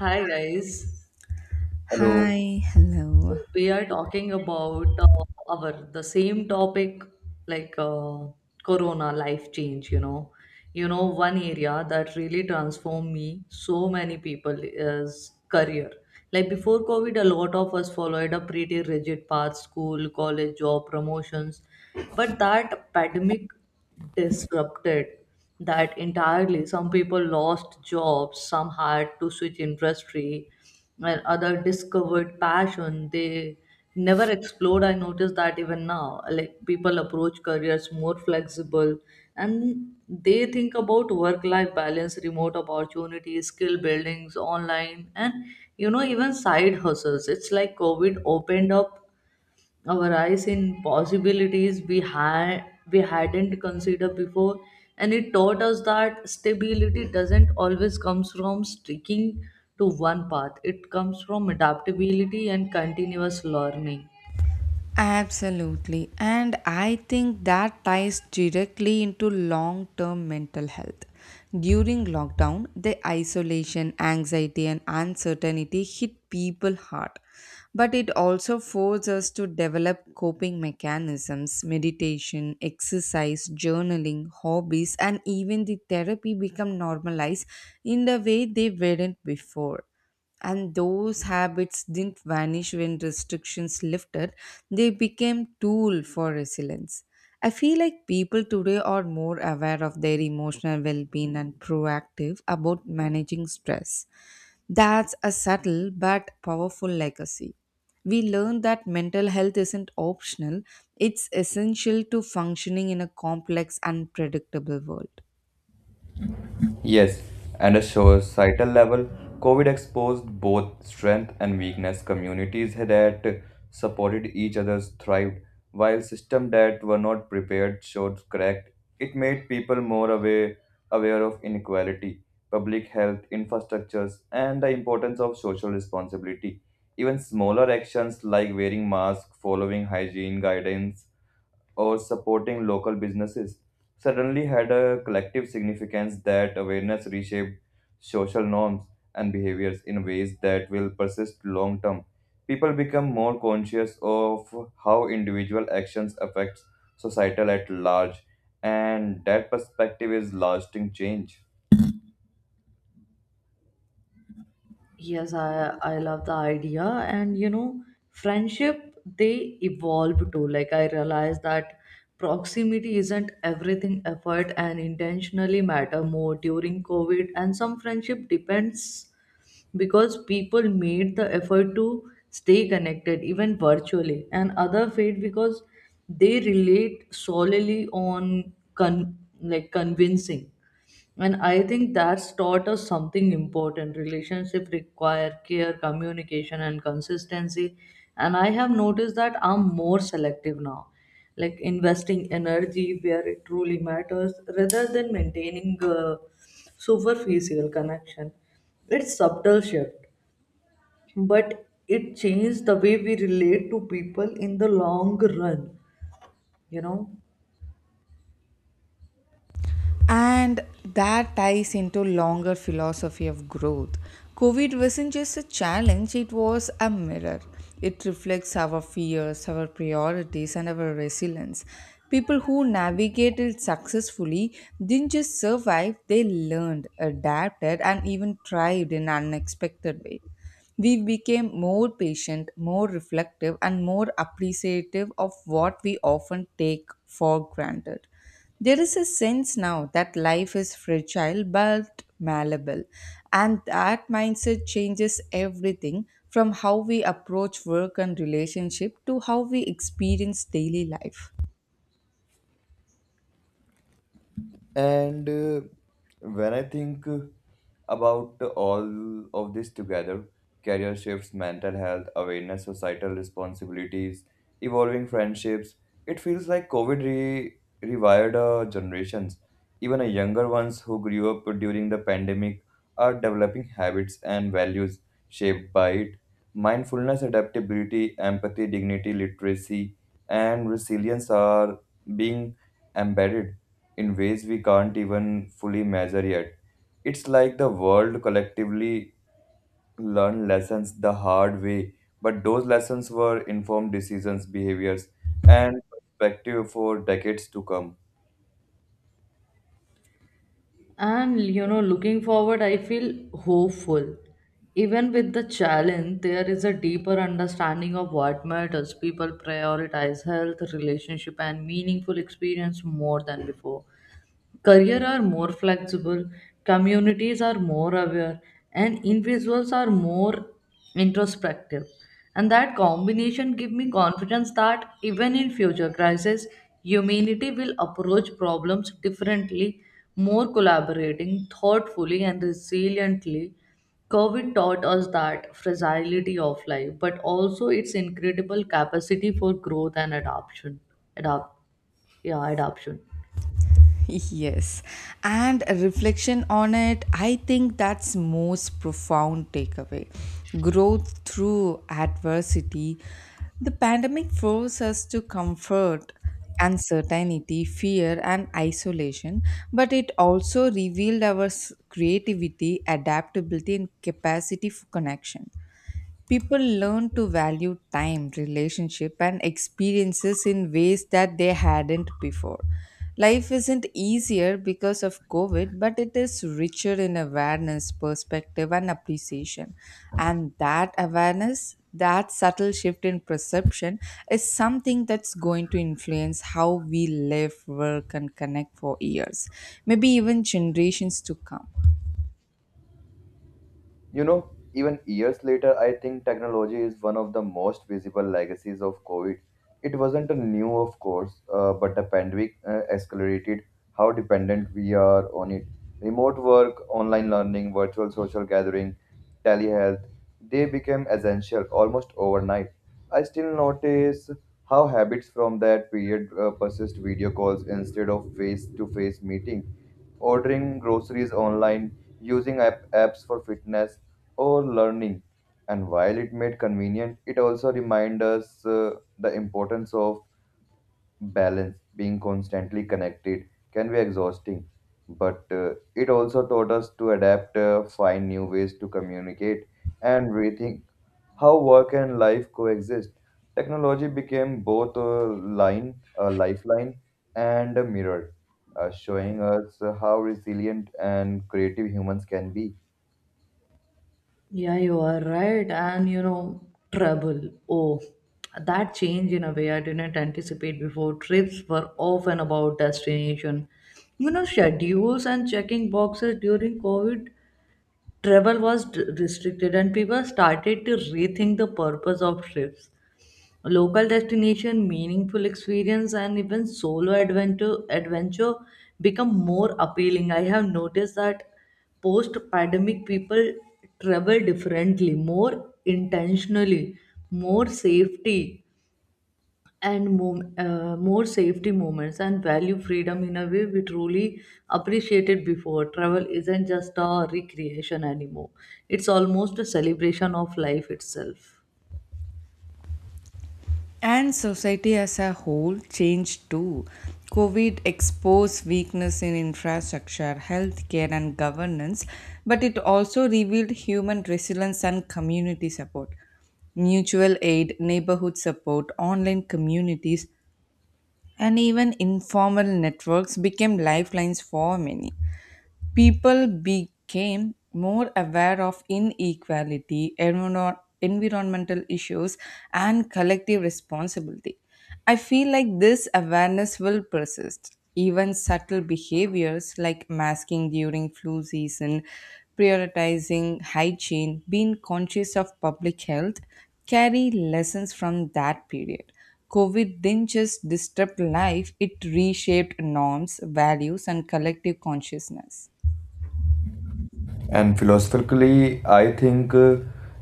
Hi guys. Hello. Hi, So hello. we are talking about our the same topic like corona life change, you know. You know one area that really transformed me so many people is career. Like before covid a lot of us followed a pretty rigid path school, college, job, promotions. But that pandemic disrupted that entirely. Some people lost jobs, some had to switch industry, and other discovered passion they never explored. I noticed that even now, like people approach careers more flexible and they think about work life balance, remote opportunities, skill buildings, online, and even side hustles. It's like COVID opened up our eyes in possibilities we hadn't considered before, and it taught us that stability doesn't always comes from sticking to one path. It comes from adaptability and continuous learning. Absolutely. And I think that ties directly into long term mental health. During lockdown, the isolation, anxiety, and uncertainty hit people hard. But it also forced us to develop coping mechanisms, meditation, exercise, journaling, hobbies, and even the therapy become normalized in the way they weren't before. And those habits didn't vanish when restrictions lifted. They became tool for resilience. I feel like people today are more aware of their emotional well-being and proactive about managing stress. That's a subtle but powerful legacy. We learn that mental health isn't optional. It's essential to functioning in a complex and predictable world. Yes, and a societal level, COVID exposed both strength and weakness. Communities that supported each other thrived, while systems that were not prepared showed cracked. It made people more aware, aware of inequality, public health infrastructures, and the importance of social responsibility. Even smaller actions like wearing masks, following hygiene guidelines, or supporting local businesses suddenly had a collective significance. That awareness reshaped social norms and behaviors in ways that will persist long term. People become more conscious of how individual actions affects societal at large, and that perspective is lasting change. Yes, I love the idea, and you know, friendship they evolve too. Like I realize that proximity isn't everything. Effort and intentionally matter more during COVID, and some friendship depends because people made the effort to stay connected even virtually, and other fade because they relate solely on like convincing. And I think that's taught us something important. Relationship require care, communication, and consistency. And I have noticed that I'm more selective now, like investing energy where it truly matters rather than maintaining a superficial connection. It's subtle shift, but it changed the way we relate to people in the long run, you know. And that ties into longer philosophy of growth. COVID wasn't just a challenge, it was a mirror. It reflects our fears, our priorities, and our resilience. People who navigated successfully didn't just survive, they learned, adapted, and even thrived in unexpected ways. We became more patient, more reflective, and more appreciative of what we often take for granted. There is a sense now that life is fragile but malleable, and that mindset changes everything from how we approach work and relationship to how we experience daily life. And when I think about all of this together, career shifts, mental health, awareness, societal responsibilities, evolving friendships, it feels like COVID rewired our generations. Even a younger ones who grew up during the pandemic are developing habits and values shaped by it. Mindfulness, adaptability, empathy, dignity, literacy, and resilience are being embedded in ways we can't even fully measure yet. It's like the world collectively learned lessons the hard way, but those lessons were informed decisions, behaviors, and perspective for decades to come. And you know, looking forward, I feel hopeful. Even with the challenge, there is a deeper understanding of what matters. People prioritize health, relationship, and meaningful experience more than before. Career are more flexible, communities are more aware, and individuals are more introspective. And that combination give me confidence that even in future crises, humanity will approach problems differently, more collaborating, thoughtfully, and resiliently. COVID taught us that fragility of life, but also its incredible capacity for growth and adoption. Adapt, yeah, adoption. Yes, and a reflection on it, I think that's most profound takeaway. Growth through adversity. The pandemic forced us to comfort uncertainty, fear, and isolation, but it also revealed our creativity, adaptability, and capacity for connection. People learn to value time, relationship, and experiences in ways that they hadn't before. Life isn't easier because of COVID, but it is richer in awareness, perspective, and appreciation. And that awareness, that subtle shift in perception, is something that's going to influence how we live, work, and connect for years, maybe even generations to come. You know, even years later, I think technology is one of the most visible legacies of COVID. It wasn't a new, of course, but the pandemic accelerated how dependent we are on it. Remote work, online learning, virtual social gathering, telehealth, they became essential almost overnight. I still notice how habits from that period persist, video calls instead of face to face meetings, ordering groceries online, using apps for fitness or learning. And while it made convenient, it also reminds us the importance of balance. Being constantly connected can be exhausting, but it also taught us to adapt, find new ways to communicate, and rethink how work and life coexist. Technology became both a lifeline, and a mirror, showing us how resilient and creative humans can be. Yeah, you are right. And you know, trouble. Oh, that change in a way I didn't anticipate before. Trips were often about destination. You know, schedules and checking boxes during COVID, travel was restricted, and people started to rethink the purpose of trips, local destination, meaningful experience, and even solo adventure become more appealing. I have noticed that post-pandemic people travel differently, more intentionally, more safety and more safety moments and value freedom in a way we truly appreciated before. Travel isn't just a recreation anymore, it's almost a celebration of life itself. And society as a whole changed too. COVID exposed weakness in infrastructure, healthcare, and governance, but it also revealed human resilience and community support. Mutual aid, neighborhood support, online communities, and even informal networks became lifelines for many. People became more aware of inequality, environmental issues, and collective responsibility. I feel like this awareness will persist. Even subtle behaviors like masking during flu season, prioritizing hygiene, being conscious of public health carry lessons from that period. COVID didn't just disrupt life, it reshaped norms, values, and collective consciousness. And philosophically, I think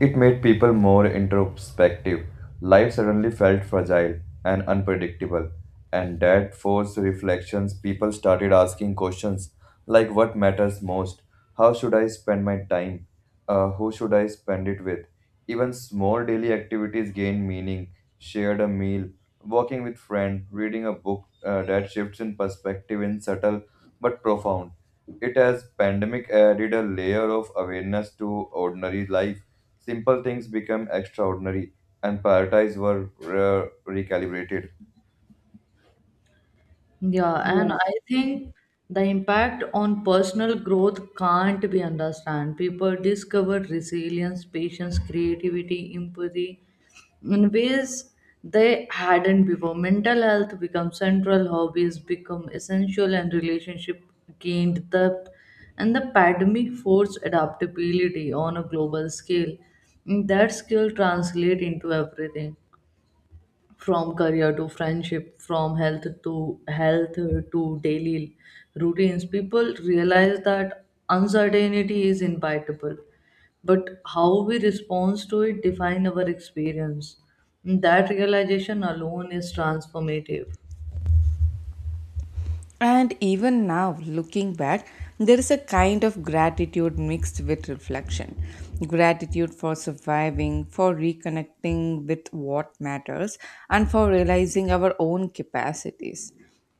it made people more introspective. Life suddenly felt fragile and unpredictable, and that forced reflections. People started asking questions like, what matters most? How should I spend my time? Who should I spend it with? Even small daily activities gained meaning. Shared a meal, walking with friend, reading a book, that shifts in perspective in subtle but profound, it has pandemic added a layer of awareness to ordinary life. Simple things become extraordinary, and priorities were recalibrated. Yeah, and I think the impact on personal growth can't be understood. People discover resilience, patience, creativity, empathy in ways they hadn't before. Mental health becomes central, hobbies become essential, and relationship gained depth. And the pandemic forced adaptability on a global scale. That skill translate into everything from career to friendship, from health to daily routines. People realize that uncertainty is inevitable. But how we respond to it define our experience. That realization alone is transformative. And even now, looking back, there is a kind of gratitude mixed with reflection. Gratitude for surviving, for reconnecting with what matters, and for realizing our own capacities.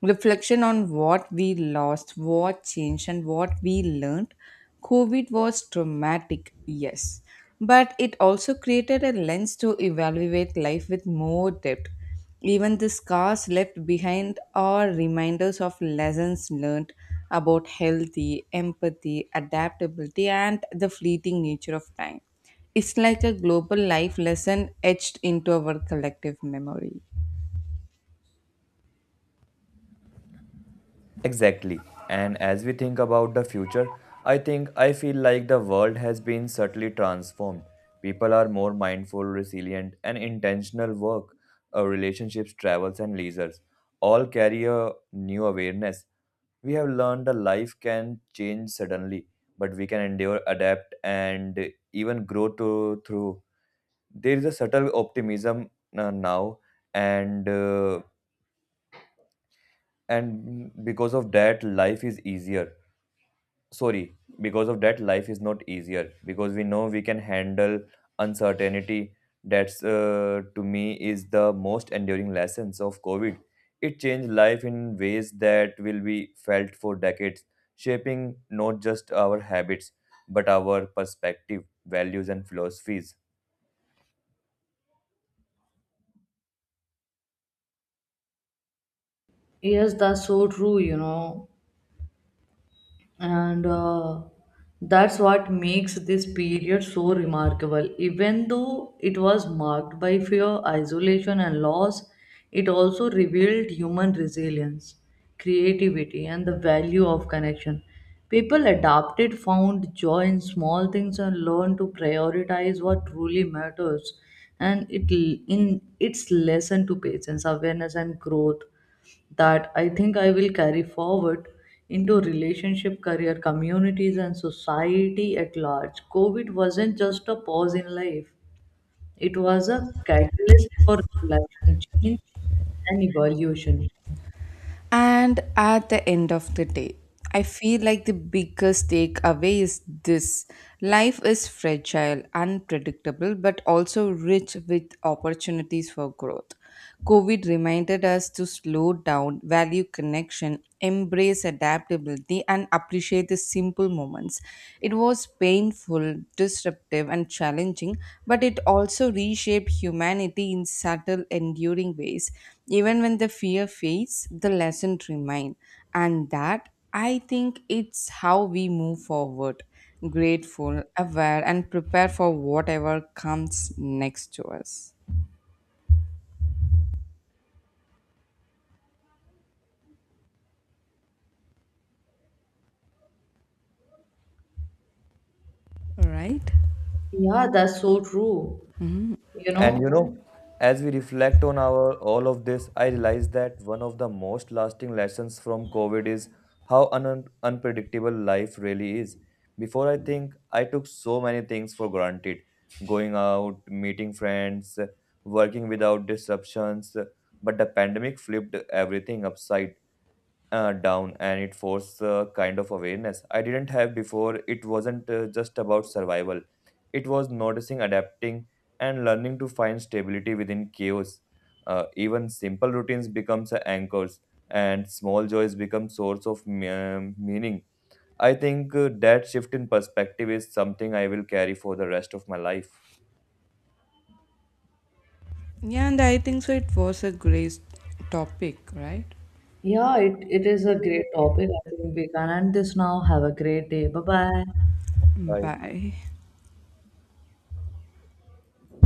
Reflection on what we lost, what changed, and what we learned. COVID was traumatic, yes, but it also created a lens to evaluate life with more depth. Even the scars left behind are reminders of lessons learned about healthy, empathy, adaptability, and the fleeting nature of time. It's like a global life lesson etched into our collective memory. Exactly. And as we think about the future, I think I feel like the world has been subtly transformed. People are more mindful, resilient, and intentional. Work, relationships, travels, and leisures all carry a new awareness. We have learned that life can change suddenly, but we can endure, adapt, and even through. There is a subtle optimism now, and uh, and because of that, life is easier. Sorry, because of that, life is not easier because we know we can handle uncertainty. That's to me is the most enduring lessons of covid. It changed life in ways that will be felt for decades, shaping not just our habits but our perspective, values, and philosophies. Yes, that's so true, you know. And that's what makes this period so remarkable. Even though it was marked by fear, isolation, and loss, it also revealed human resilience, creativity, and the value of connection. People adapted, found joy in small things, and learned to prioritize what truly matters. And it, in its lesson to patience, awareness, and growth, that I think I will carry forward into relationship, career, communities, and society at large. COVID wasn't just a pause in life, it was a catalyst for reflection, change, and evolution. And at the end of the day, I feel like the biggest takeaway is this: life is fragile, unpredictable, but also rich with opportunities for growth. COVID reminded us to slow down, value connection, embrace adaptability, and appreciate the simple moments. It was painful, disruptive, and challenging, but it also reshaped humanity in subtle, enduring ways. Even when the fear fades, the lesson remains. And that, I think, it's how we move forward grateful, aware, and prepare for whatever comes next to us. Right? Yeah, that's so true. You And know, you know, as we reflect on our all of this, I realize that one of the most lasting lessons from COVID is how unpredictable life really is. Before, I think I took so many things for granted, going out, meeting friends, working without disruptions, but the pandemic flipped everything upside down, and it forced a kind of awareness I didn't have before. It wasn't just about survival, it was noticing, adapting, and learning to find stability within chaos. Even simple routines becomes anchors, and small joys become source of meaning. I think that shift in perspective is something I will carry for the rest of my life. Yeah, and I think so. It was a great topic, right? yeah, it is a great topic. I think we can end this now. Have a great day. Bye bye. Bye. Bye.